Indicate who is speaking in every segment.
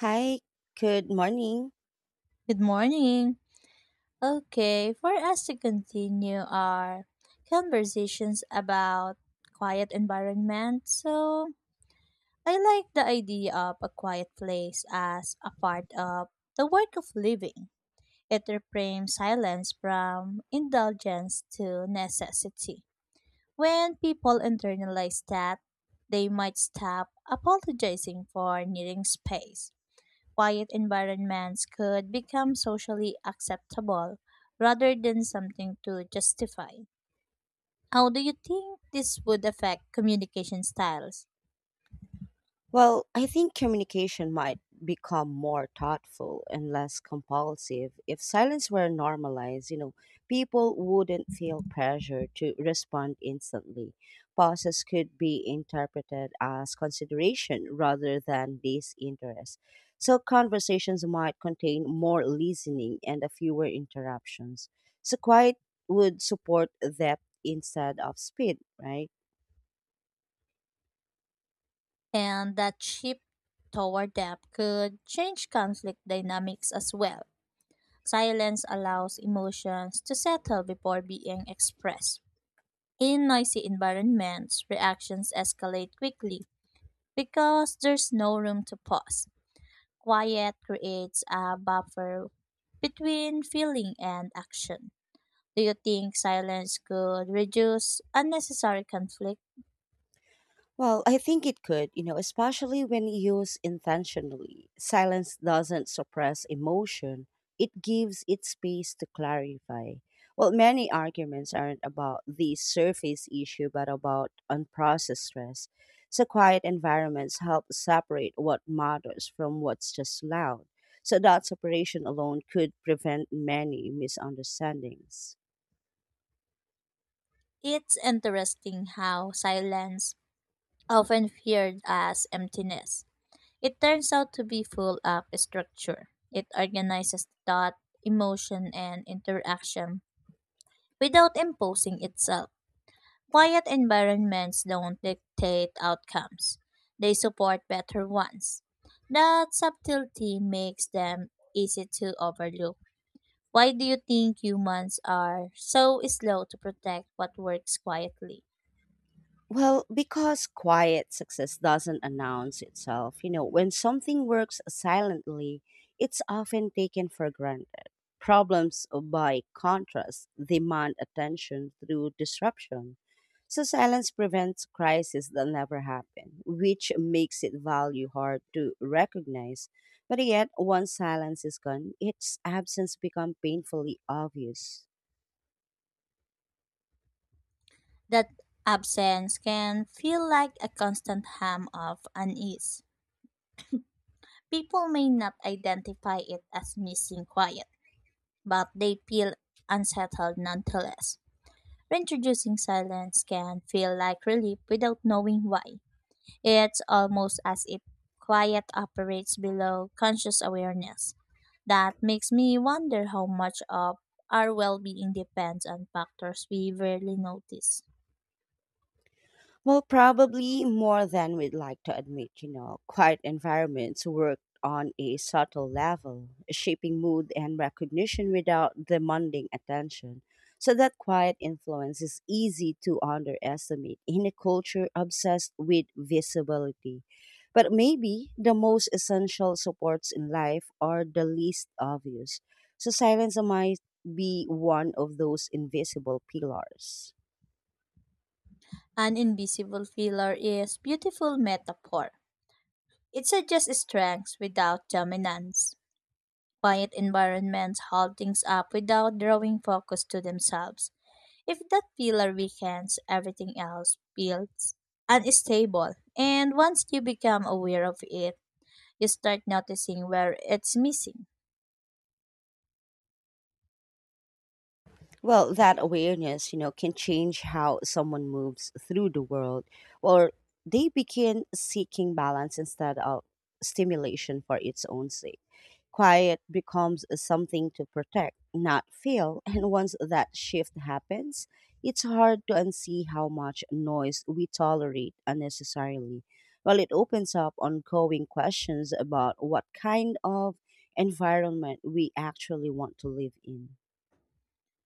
Speaker 1: Hi, good morning.
Speaker 2: Good morning. Okay, for us to continue our conversations about quiet environment. So, I like the idea of a quiet place as a part of the work of living. It reframes silence from indulgence to necessity. When people internalize that, they might stop apologizing for needing space quiet environments could become socially acceptable rather than something to justify. How do you think this would affect communication styles?
Speaker 1: Well, I think communication might become more thoughtful and less compulsive. If silence were normalized, people wouldn't feel pressure to respond instantly. Pauses could be interpreted as consideration rather than disinterest. So conversations might contain more listening and a fewer interruptions. So quiet would support depth instead of speed, right?
Speaker 2: And that shift toward depth could change conflict dynamics as well. Silence allows emotions to settle before being expressed. In noisy environments, reactions escalate quickly because there's no room to pause. Quiet creates a buffer between feeling and action. Do you think silence could reduce unnecessary conflict?
Speaker 1: Well, I think it could, especially when used intentionally. Silence doesn't suppress emotion, it gives it space to clarify. Well, many arguments aren't about the surface issue, but about unprocessed stress. So, quiet environments help separate what matters from what's just loud. So, that separation alone could prevent many misunderstandings.
Speaker 2: It's interesting how silence, often feared as emptiness, it turns out to be full of structure. It organizes thought, emotion, and interaction without imposing itself. Quiet environments don't dictate outcomes, they support better ones. That subtlety makes them easy to overlook. Why do you think humans are so slow to protect what works quietly?
Speaker 1: Well, because quiet success doesn't announce itself, when something works silently, it's often taken for granted. Problems, by contrast, demand attention through disruption. So, silence prevents crises that never happen, which makes it value hard to recognize. But yet, once silence is gone, its absence becomes painfully obvious.
Speaker 2: That absence can feel like a constant hum of unease. People may not identify it as missing quiet, but they feel unsettled nonetheless. Reintroducing silence can feel like relief without knowing why. It's almost as if quiet operates below conscious awareness. That makes me wonder how much of our well being depends on factors we rarely notice.
Speaker 1: Well, probably more than we'd like to admit. Quiet environments work on a subtle level, shaping mood and recognition without demanding attention. So, that quiet influence is easy to underestimate in a culture obsessed with visibility. But maybe the most essential supports in life are the least obvious. So, silence might be one of those invisible pillars.
Speaker 2: An invisible filler is beautiful metaphor. It suggests strength without dominance. Quiet environments hold things up without drawing focus to themselves. If that pillar weakens, everything else feels unstable. And once you become aware of it, you start noticing where it's missing.
Speaker 1: Well, that awareness, can change how someone moves through the world, or they begin seeking balance instead of stimulation for its own sake. Quiet becomes something to protect, not feel. And once that shift happens, it's hard to unsee how much noise we tolerate unnecessarily. Well, it opens up ongoing questions about what kind of environment we actually want to live in.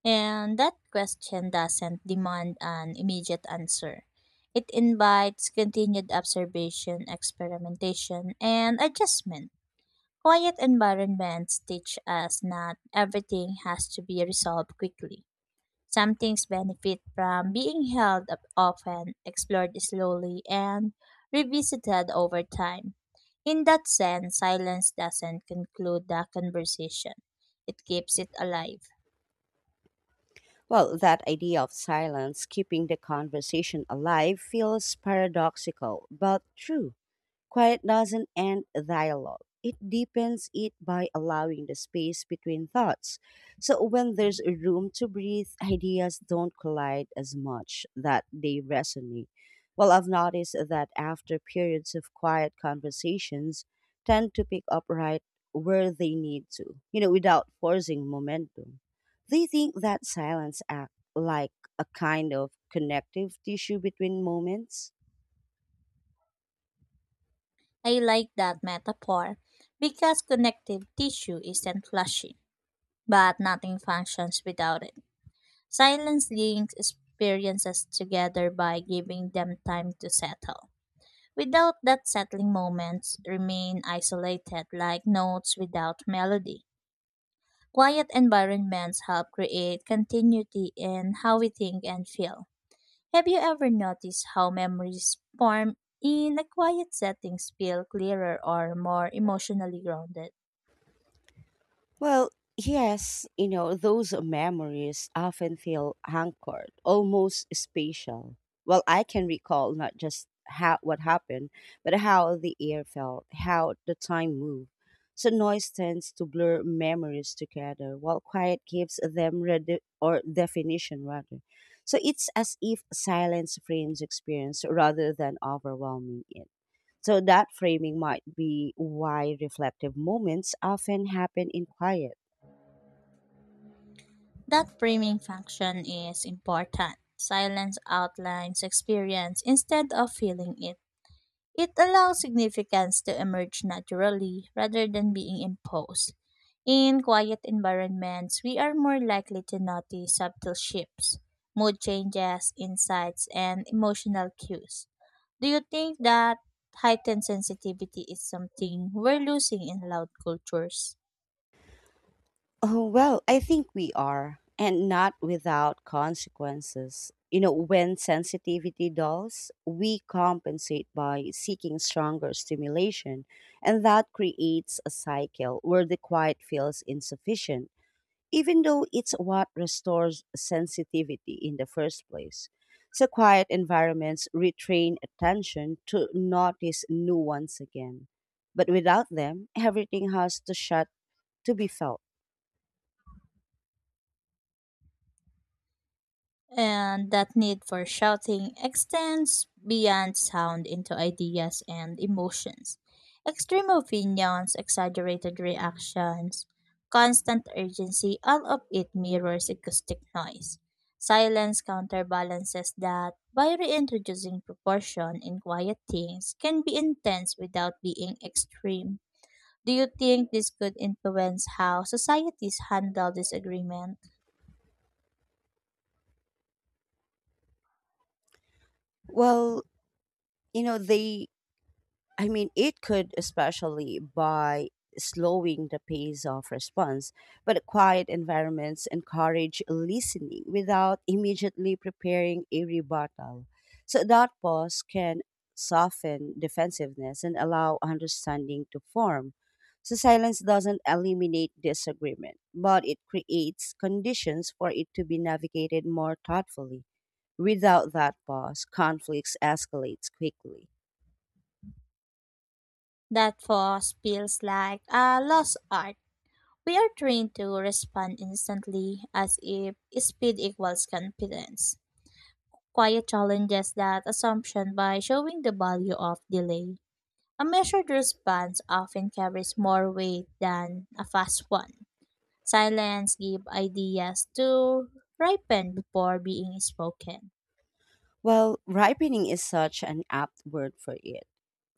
Speaker 2: And that question doesn't demand an immediate answer. It invites continued observation, experimentation, and adjustment. Quiet environments teach us that everything has to be resolved quickly. Some things benefit from being held up often, explored slowly, and revisited over time. In that sense, silence doesn't conclude the conversation, it keeps it alive.
Speaker 1: Well, that idea of silence keeping the conversation alive feels paradoxical, but true. Quiet doesn't end a dialogue. It deepens it by allowing the space between thoughts. So when there's a room to breathe, ideas don't collide as much that they resonate. Well, I've noticed that after periods of quiet conversations tend to pick up right where they need to, without forcing momentum. They think that silence act like a kind of connective tissue between moments.
Speaker 2: I like that metaphor because connective tissue isn't flashing, but nothing functions without it. Silence links experiences together by giving them time to settle. Without that settling, moments remain isolated like notes without melody. Quiet environments help create continuity in how we think and feel. Have you ever noticed how memories formed in a quiet setting feel clearer or more emotionally grounded?
Speaker 1: Well, yes, those memories often feel anchored, almost spatial. Well, I can recall not just how what happened, but how the air felt, how the time moved. So noise tends to blur memories together, while quiet gives them rede- or definition rather. So it's as if silence frames experience rather than overwhelming it. So that framing might be why reflective moments often happen in quiet.
Speaker 2: That framing function is important. Silence outlines experience instead of feeling it. It allows significance to emerge naturally rather than being imposed. In quiet environments, we are more likely to notice subtle shifts, mood changes, insights, and emotional cues. Do you think that heightened sensitivity is something we're losing in loud cultures?
Speaker 1: Oh, well, I think we are, and not without consequences. You know, when sensitivity dulls, we compensate by seeking stronger stimulation, and that creates a cycle where the quiet feels insufficient, even though it's what restores sensitivity in the first place. So, quiet environments retrain attention to notice nuance again. But without them, everything has to shut to be felt.
Speaker 2: And that need for shouting extends beyond sound into ideas and emotions. Extreme opinions, exaggerated reactions, constant urgency, all of it mirrors acoustic noise. Silence counterbalances that by reintroducing proportion in quiet things can be intense without being extreme. Do you think this could influence how societies handle disagreement?
Speaker 1: Well, you know they I mean it could, especially by slowing the pace of response, but quiet environments encourage listening without immediately preparing a rebuttal, so that pause can soften defensiveness and allow understanding to form. So silence doesn't eliminate disagreement, but it creates conditions for it to be navigated more thoughtfully. Without that pause conflicts escalates quickly.
Speaker 2: That pause feels like a lost art. We are trained to respond instantly as if speed equals confidence. Quiet challenges that assumption by showing the value of delay. A measured response often carries more weight than a fast one. Silence gives ideas to ripen before being spoken.
Speaker 1: Well, ripening is such an apt word for it.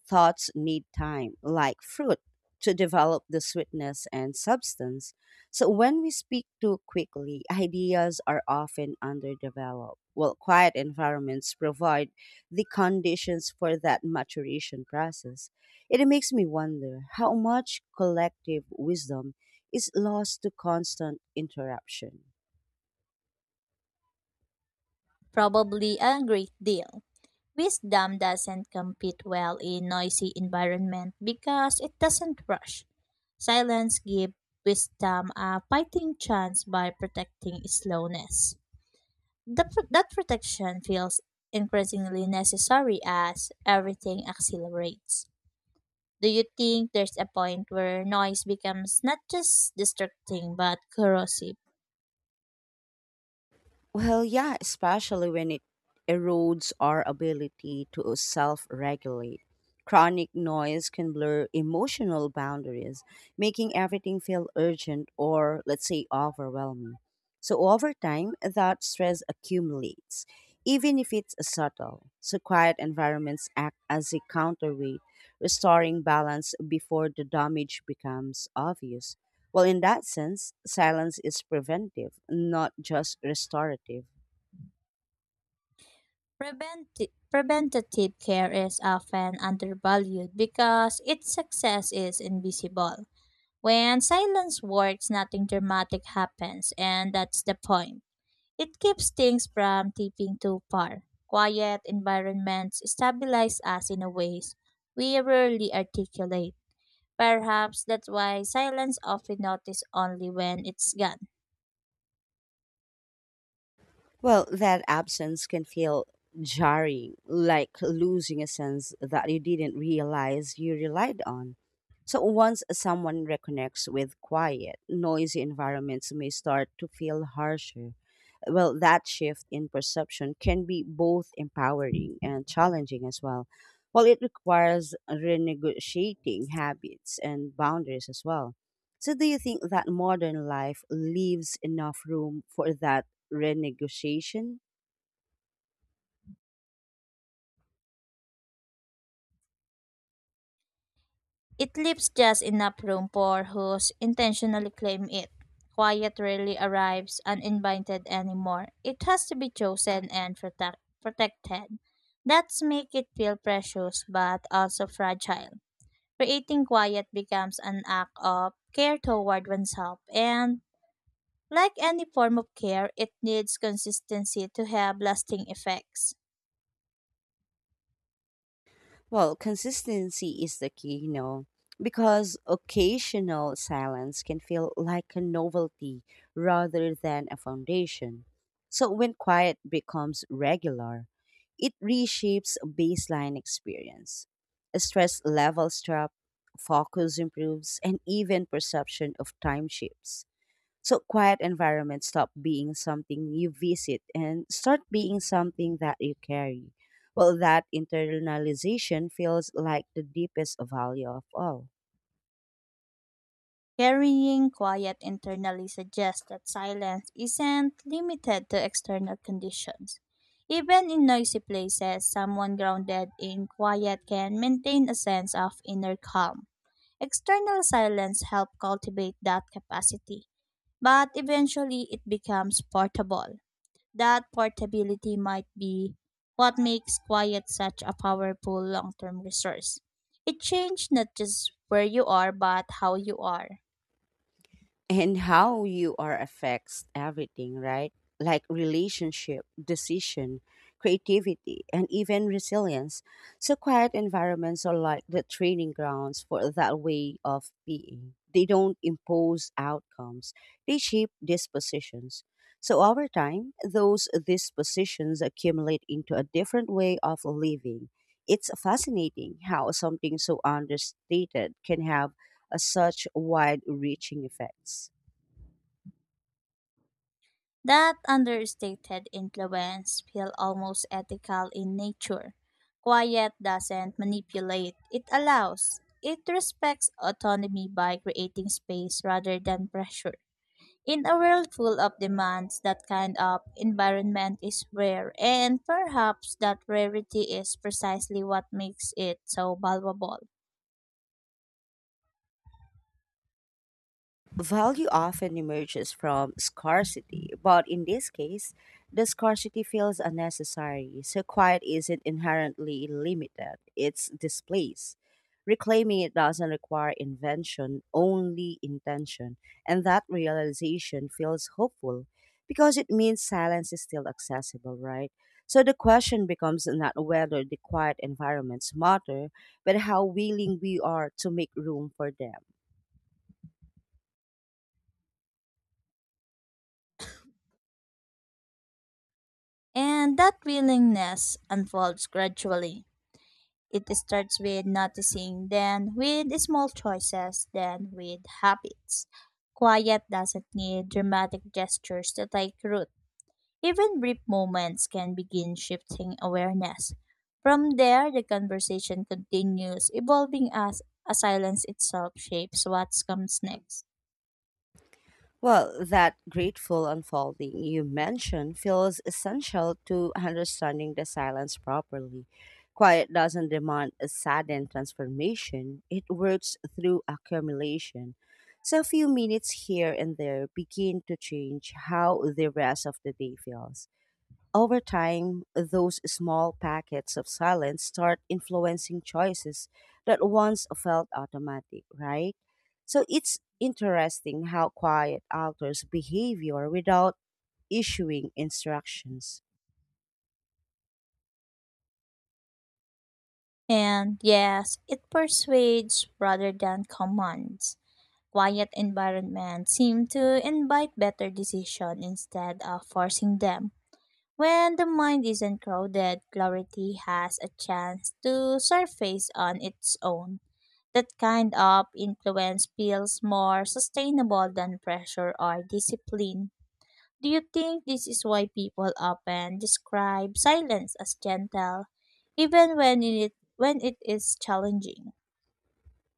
Speaker 1: Thoughts need time, like fruit, to develop the sweetness and substance. So when we speak too quickly, ideas are often underdeveloped. While quiet environments provide the conditions for that maturation process. It makes me wonder how much collective wisdom is lost to constant interruption.
Speaker 2: Probably a great deal. Wisdom doesn't compete well in noisy environment because it doesn't rush. Silence gives wisdom a fighting chance by protecting slowness. That protection feels increasingly necessary as everything accelerates. Do you think there's a point where noise becomes not just distracting but corrosive?
Speaker 1: Well, yeah, especially when it erodes our ability to self regulate. Chronic noise can blur emotional boundaries, making everything feel urgent or, let's say, overwhelming. So, over time, that stress accumulates, even if it's subtle. So, quiet environments act as a counterweight, restoring balance before the damage becomes obvious. Well, in that sense, silence is preventive, not just restorative.
Speaker 2: Preventative care is often undervalued because its success is invisible. When silence works, nothing dramatic happens, and that's the point. It keeps things from tipping too far. Quiet environments stabilize us in a ways we rarely articulate. Perhaps that's why silence often noticed only when it's gone.
Speaker 1: Well, that absence can feel jarring, like losing a sense that you didn't realize you relied on. So, once someone reconnects with quiet, noisy environments may start to feel harsher. Well, that shift in perception can be both empowering and challenging as well. Well, it requires renegotiating habits and boundaries as well. So, do you think that modern life leaves enough room for that renegotiation?
Speaker 2: It leaves just enough room for whose intentionally claim it. Quiet rarely arrives uninvited anymore. It has to be chosen and protected. That's make it feel precious but also fragile. Creating quiet becomes an act of care toward oneself and like any form of care, it needs consistency to have lasting effects.
Speaker 1: Well, consistency is the key, because occasional silence can feel like a novelty rather than a foundation. So when quiet becomes regular, it reshapes baseline experience. Stress levels drop, focus improves, and even perception of time shifts. So quiet environments stop being something you visit and start being something that you carry. Well, that internalization feels like the deepest value of all.
Speaker 2: Carrying quiet internally suggests that silence isn't limited to external conditions. Even in noisy places, someone grounded in quiet can maintain a sense of inner calm. External silence helps cultivate that capacity, but eventually it becomes portable. That portability might be what makes quiet such a powerful long term resource. It changes not just where you are, but how you are.
Speaker 1: And how you are affects everything, right? Like relationship, decision, creativity, and even resilience. So quiet environments are like the training grounds for that way of being. They don't impose outcomes. They shape dispositions. So over time, those dispositions accumulate into a different way of living. It's fascinating how something so understated can have such wide reaching effects.
Speaker 2: That understated influence feels almost ethical in nature. Quiet doesn't manipulate, it allows. It respects autonomy by creating space rather than pressure. In a world full of demands, that kind of environment is rare, and perhaps that rarity is precisely what makes it so valuable.
Speaker 1: Value often emerges from scarcity, but in this case, the scarcity feels unnecessary. So, quiet isn't inherently limited, it's displaced. Reclaiming it doesn't require invention, only intention. And that realization feels hopeful because it means silence is still accessible, right? So, the question becomes not whether the quiet environments matter, but how willing we are to make room for them.
Speaker 2: And that willingness unfolds gradually. It starts with noticing, then with small choices, then with habits. Quiet doesn't need dramatic gestures to take root. Even brief moments can begin shifting awareness. From there, the conversation continues, evolving as a silence itself shapes what comes next.
Speaker 1: Well, that grateful unfolding you mentioned feels essential to understanding the silence properly. Quiet doesn't demand a sudden transformation, it works through accumulation. So, a few minutes here and there begin to change how the rest of the day feels. Over time, those small packets of silence start influencing choices that once felt automatic, right? So it's interesting how quiet alters behavior without issuing instructions.
Speaker 2: And yes, it persuades rather than commands. Quiet environments seem to invite better decision instead of forcing them. When the mind isn't crowded, clarity has a chance to surface on its own. That kind of influence feels more sustainable than pressure or discipline. Do you think this is why people often describe silence as gentle, even when it is challenging?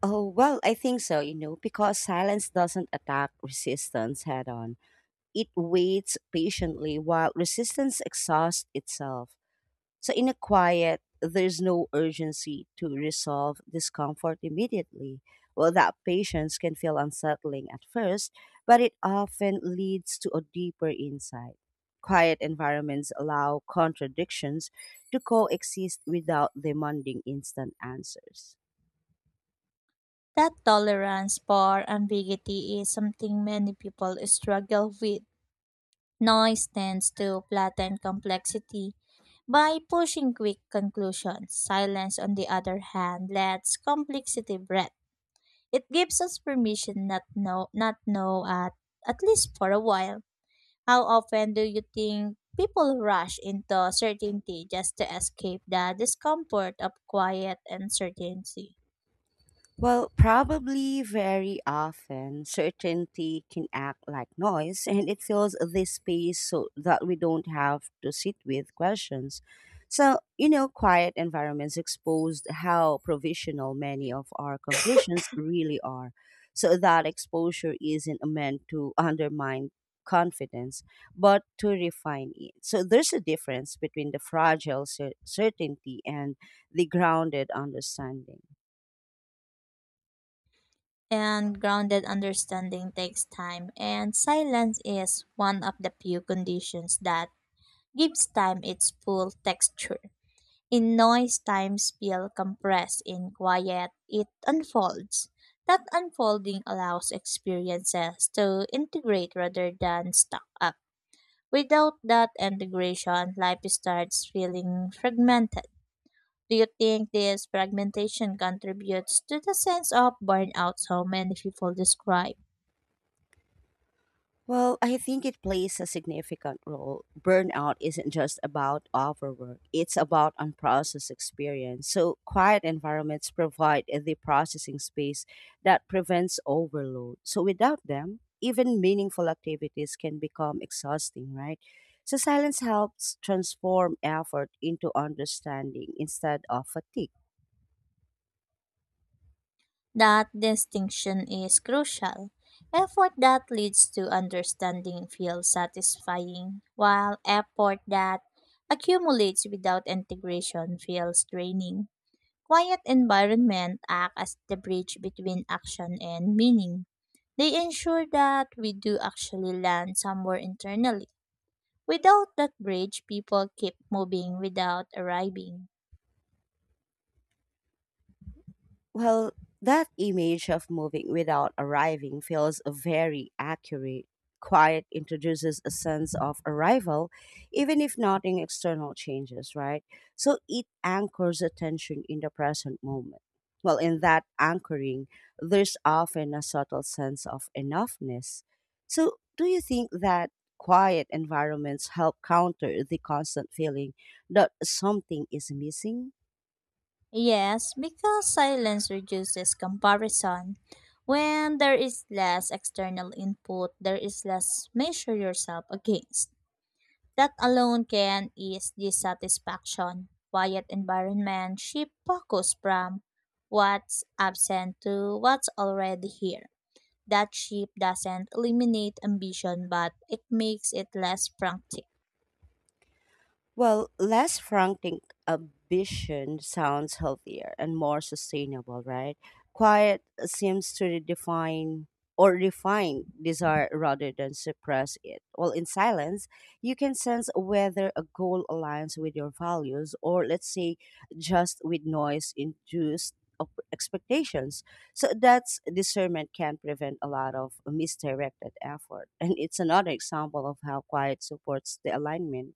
Speaker 1: Oh, well, I think so, because silence doesn't attack resistance head on. It waits patiently while resistance exhausts itself. So in a quiet, there's no urgency to resolve discomfort immediately. Well, that patience can feel unsettling at first, but it often leads to a deeper insight. Quiet environments allow contradictions to coexist without demanding instant answers.
Speaker 2: That tolerance for ambiguity is something many people struggle with. Noise tends to flatten complexity by pushing quick conclusions. Silence, on the other hand, lets complexity breathe. It gives us permission not know at least for a while. How often do you think people rush into certainty just to escape the discomfort of quiet and certainty?
Speaker 1: Well, probably very often, certainty can act like noise and it fills this space so that we don't have to sit with questions. So, you know, quiet environments exposed how provisional many of our conclusions really are. So, that exposure isn't meant to undermine confidence, but to refine it. So, there's a difference between the certainty and the grounded understanding.
Speaker 2: And grounded understanding takes time, and silence is one of the few conditions that gives time its full texture. In noise, times feel compressed. In quiet, it unfolds. That unfolding allows experiences to integrate rather than stack up. Without that integration, life starts feeling fragmented. Do you think this fragmentation contributes to the sense of burnout so many people describe?
Speaker 1: Well, I think it plays a significant role. Burnout isn't just about overwork, it's about unprocessed experience. So, quiet environments provide the processing space that prevents overload. So, without them, even meaningful activities can become exhausting, right? So, silence helps transform effort into understanding instead of fatigue.
Speaker 2: That distinction is crucial. Effort that leads to understanding feels satisfying, while effort that accumulates without integration feels draining. Quiet environment act as the bridge between action and meaning. They ensure that we do actually land somewhere internally. Without that bridge, people keep moving without arriving.
Speaker 1: Well, that image of moving without arriving feels very accurate. Quiet introduces a sense of arrival, even if nothing external changes, right? So it anchors attention in the present moment. Well, in that anchoring, there's often a subtle sense of enoughness. So, do you think that quiet environments help counter the constant feeling that something is missing?
Speaker 2: Yes, because silence reduces comparison. When there is less external input, there is less measure yourself against. That alone can ease dissatisfaction. Quiet environment shift focus from what's absent to what's already here. That shift doesn't eliminate ambition, but it makes it less frantic.
Speaker 1: Well, less frantic ambition sounds healthier and more sustainable, right? Quiet seems to define or refine desire rather than suppress it. Well, in silence, you can sense whether a goal aligns with your values or, let's say, just with noise induced expectations. So that's discernment can prevent a lot of misdirected effort. And it's another example of how quiet supports the alignment.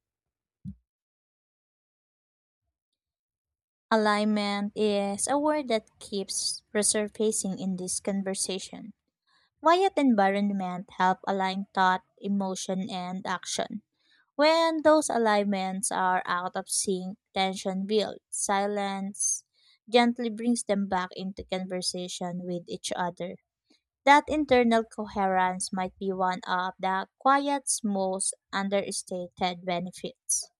Speaker 2: Alignment is a word that keeps resurfacing in this conversation. Quiet environment help align thought, emotion, and action. When those alignments are out of sync, tension builds. Silence gently brings them back into conversation with each other. That internal coherence might be one of the quiet's most understated benefits.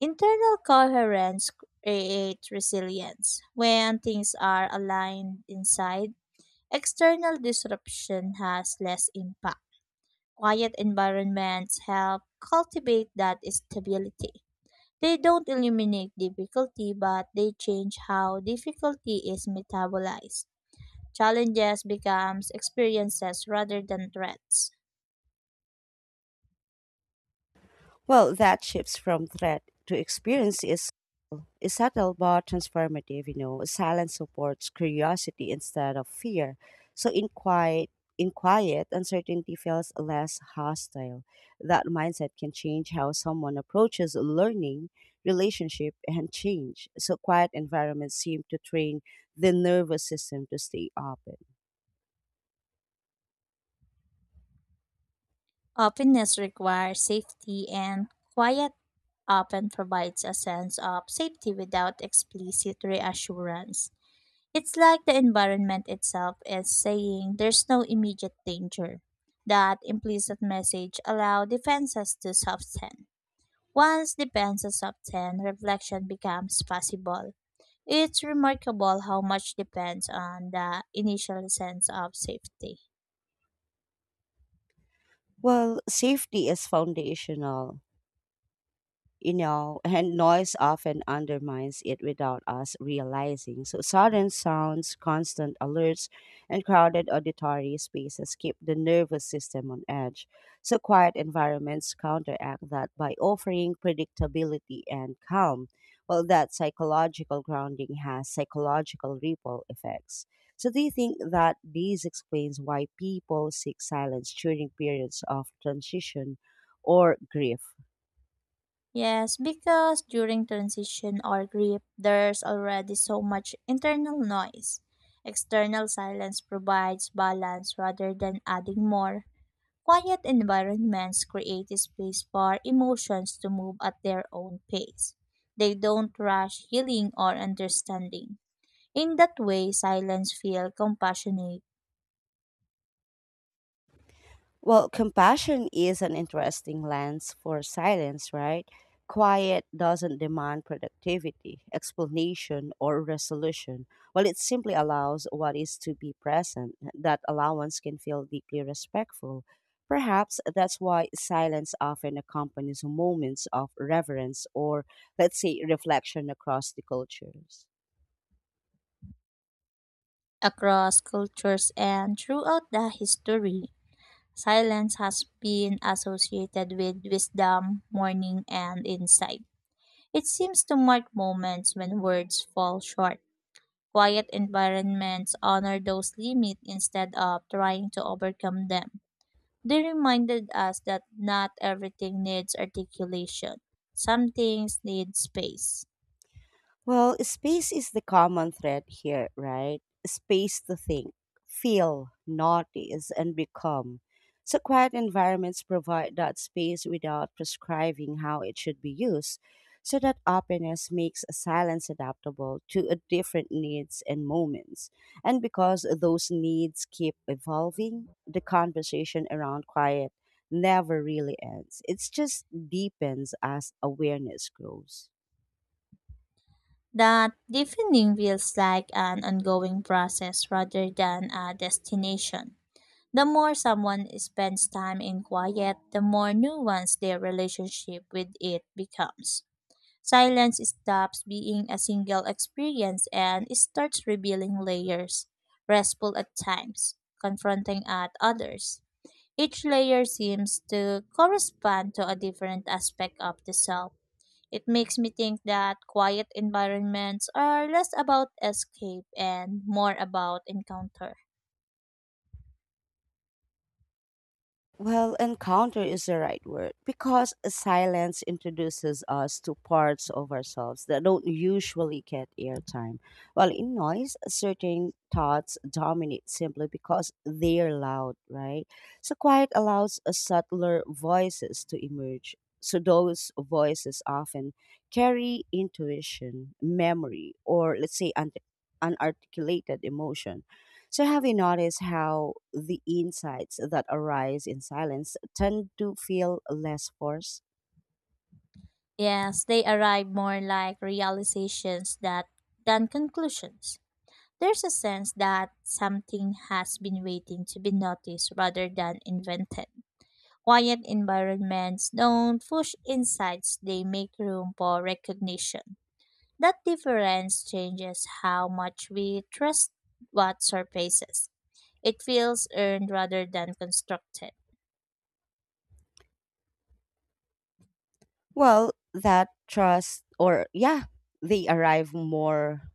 Speaker 2: Internal coherence creates resilience. When things are aligned inside, external disruption has less impact. Quiet environments help cultivate that stability. They don't eliminate difficulty, but they change how difficulty is metabolized. Challenges becomes experiences rather than threats.
Speaker 1: Well, that shifts from threat to experience is subtle but transformative. You know, silence supports curiosity instead of fear. So in quiet, uncertainty feels less hostile. That mindset can change how someone approaches learning, relationship, and change. So quiet environments seem to train the nervous system to stay open.
Speaker 2: Openness requires safety and quiet often provides a sense of safety without explicit reassurance. It's like the environment itself is saying there's no immediate danger. That implicit message allows defenses to soften. Once defenses soften, reflection becomes possible. It's remarkable how much depends on the initial sense of safety.
Speaker 1: Well, safety is foundational, and noise often undermines it without us realizing. So, sudden sounds, constant alerts, and crowded auditory spaces keep the nervous system on edge. So, quiet environments counteract that by offering predictability and calm. Well, that psychological grounding has psychological ripple effects. So, do you think that this explains why people seek silence during periods of transition or grief?
Speaker 2: Yes, because during transition or grief, there's already so much internal noise. External silence provides balance rather than adding more. Quiet environments create a space for emotions to move at their own pace. They don't rush healing or understanding. In that way, silence feels compassionate
Speaker 1: Well, compassion is an interesting lens for silence, right? Quiet doesn't demand productivity, explanation, or resolution. Well, it simply allows what is to be present. That allowance can feel deeply respectful. Perhaps that's why silence often accompanies moments of reverence or, let's say, reflection across the cultures.
Speaker 2: across cultures and throughout the history. Silence has been associated with wisdom, mourning, and insight. It seems to mark moments when words fall short. Quiet environments honor those limits instead of trying to overcome them. They reminded us that not everything needs articulation. Some things need space.
Speaker 1: Well, space is the common thread here, right? Space to think, feel, notice, and become. So, quiet environments provide that space without prescribing how it should be used. So, that openness makes silence adaptable to a different needs and moments. And because those needs keep evolving, the conversation around quiet never really ends. It just deepens as awareness grows.
Speaker 2: That deepening feels like an ongoing process rather than a destination. The more someone spends time in quiet, the more nuanced their relationship with it becomes. Silence stops being a single experience and starts revealing layers, restful at times, confronting at others. Each layer seems to correspond to a different aspect of the self. It makes me think that quiet environments are less about escape and more about encounter.
Speaker 1: Well, encounter is the right word because silence introduces us to parts of ourselves that don't usually get airtime. While in noise, certain thoughts dominate simply because they're loud, right? So, quiet allows a subtler voices to emerge. So, those voices often carry intuition, memory, or let's say unarticulated emotion. So, have you noticed how the insights that arise in silence tend to feel less forced?
Speaker 2: Yes, they arrive more like realizations that than conclusions. There's a sense that something has been waiting to be noticed rather than invented. Quiet environments don't push insights, they make room for recognition. That difference changes how much we trust what surfaces. It feels earned rather than constructed.
Speaker 1: Well, that trust, or yeah, they arrive more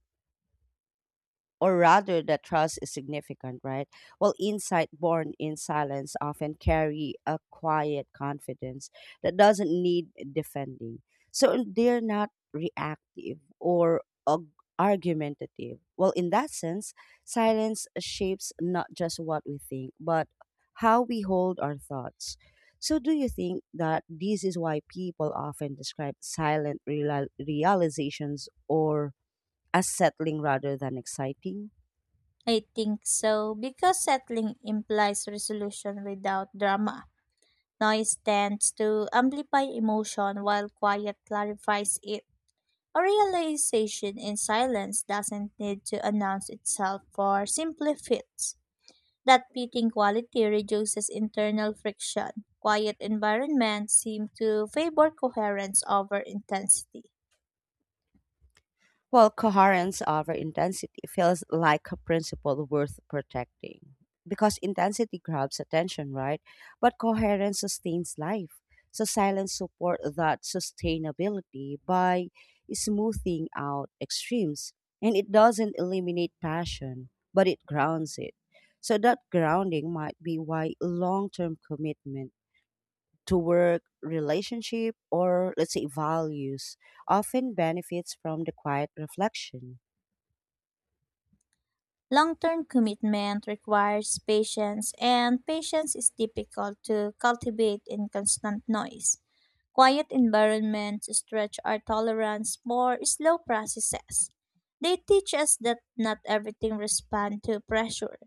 Speaker 1: or rather that trust is significant, right? Well, insight born in silence often carry a quiet confidence that doesn't need defending. So they're not reactive or ag- argumentative. Well, in that sense, silence shapes not just what we think, but how we hold our thoughts. So, do you think that this is why people often describe silent realizations or as settling rather than exciting?
Speaker 2: I think so because settling implies resolution without drama. Noise tends to amplify emotion while quiet clarifies it. A realization in silence doesn't need to announce itself for simply fits. That fitting quality reduces internal friction. Quiet environments seem to favor coherence over intensity.
Speaker 1: While coherence over intensity feels like a principle worth protecting. Because intensity grabs attention, right? But coherence sustains life. So silence support that sustainability by smoothing out extremes. And it doesn't eliminate passion, but it grounds it. So that grounding might be why long-term commitment to work, relationship, or let's say values often benefits from the quiet reflection.
Speaker 2: Long term commitment requires patience, and patience is difficult to cultivate in constant noise. Quiet environments stretch our tolerance for slow processes. They teach us that not everything responds to pressure.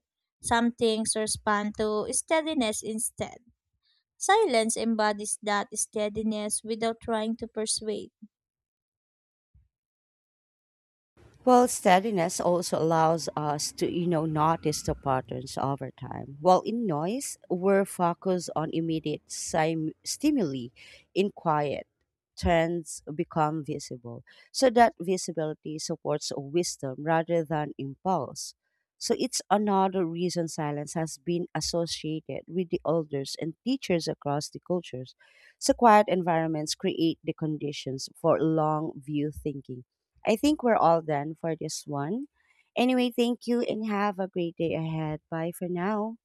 Speaker 2: Some things respond to steadiness instead. Silence embodies that steadiness without trying to persuade.
Speaker 1: Well, steadiness also allows us to, notice the patterns over time. While in noise, we're focused on immediate stimuli. In quiet, trends become visible. So that visibility supports wisdom rather than impulse. So it's another reason silence has been associated with the elders and teachers across the cultures. So quiet environments create the conditions for long view thinking. I think we're all done for this one. Anyway, thank you and have a great day ahead. Bye for now.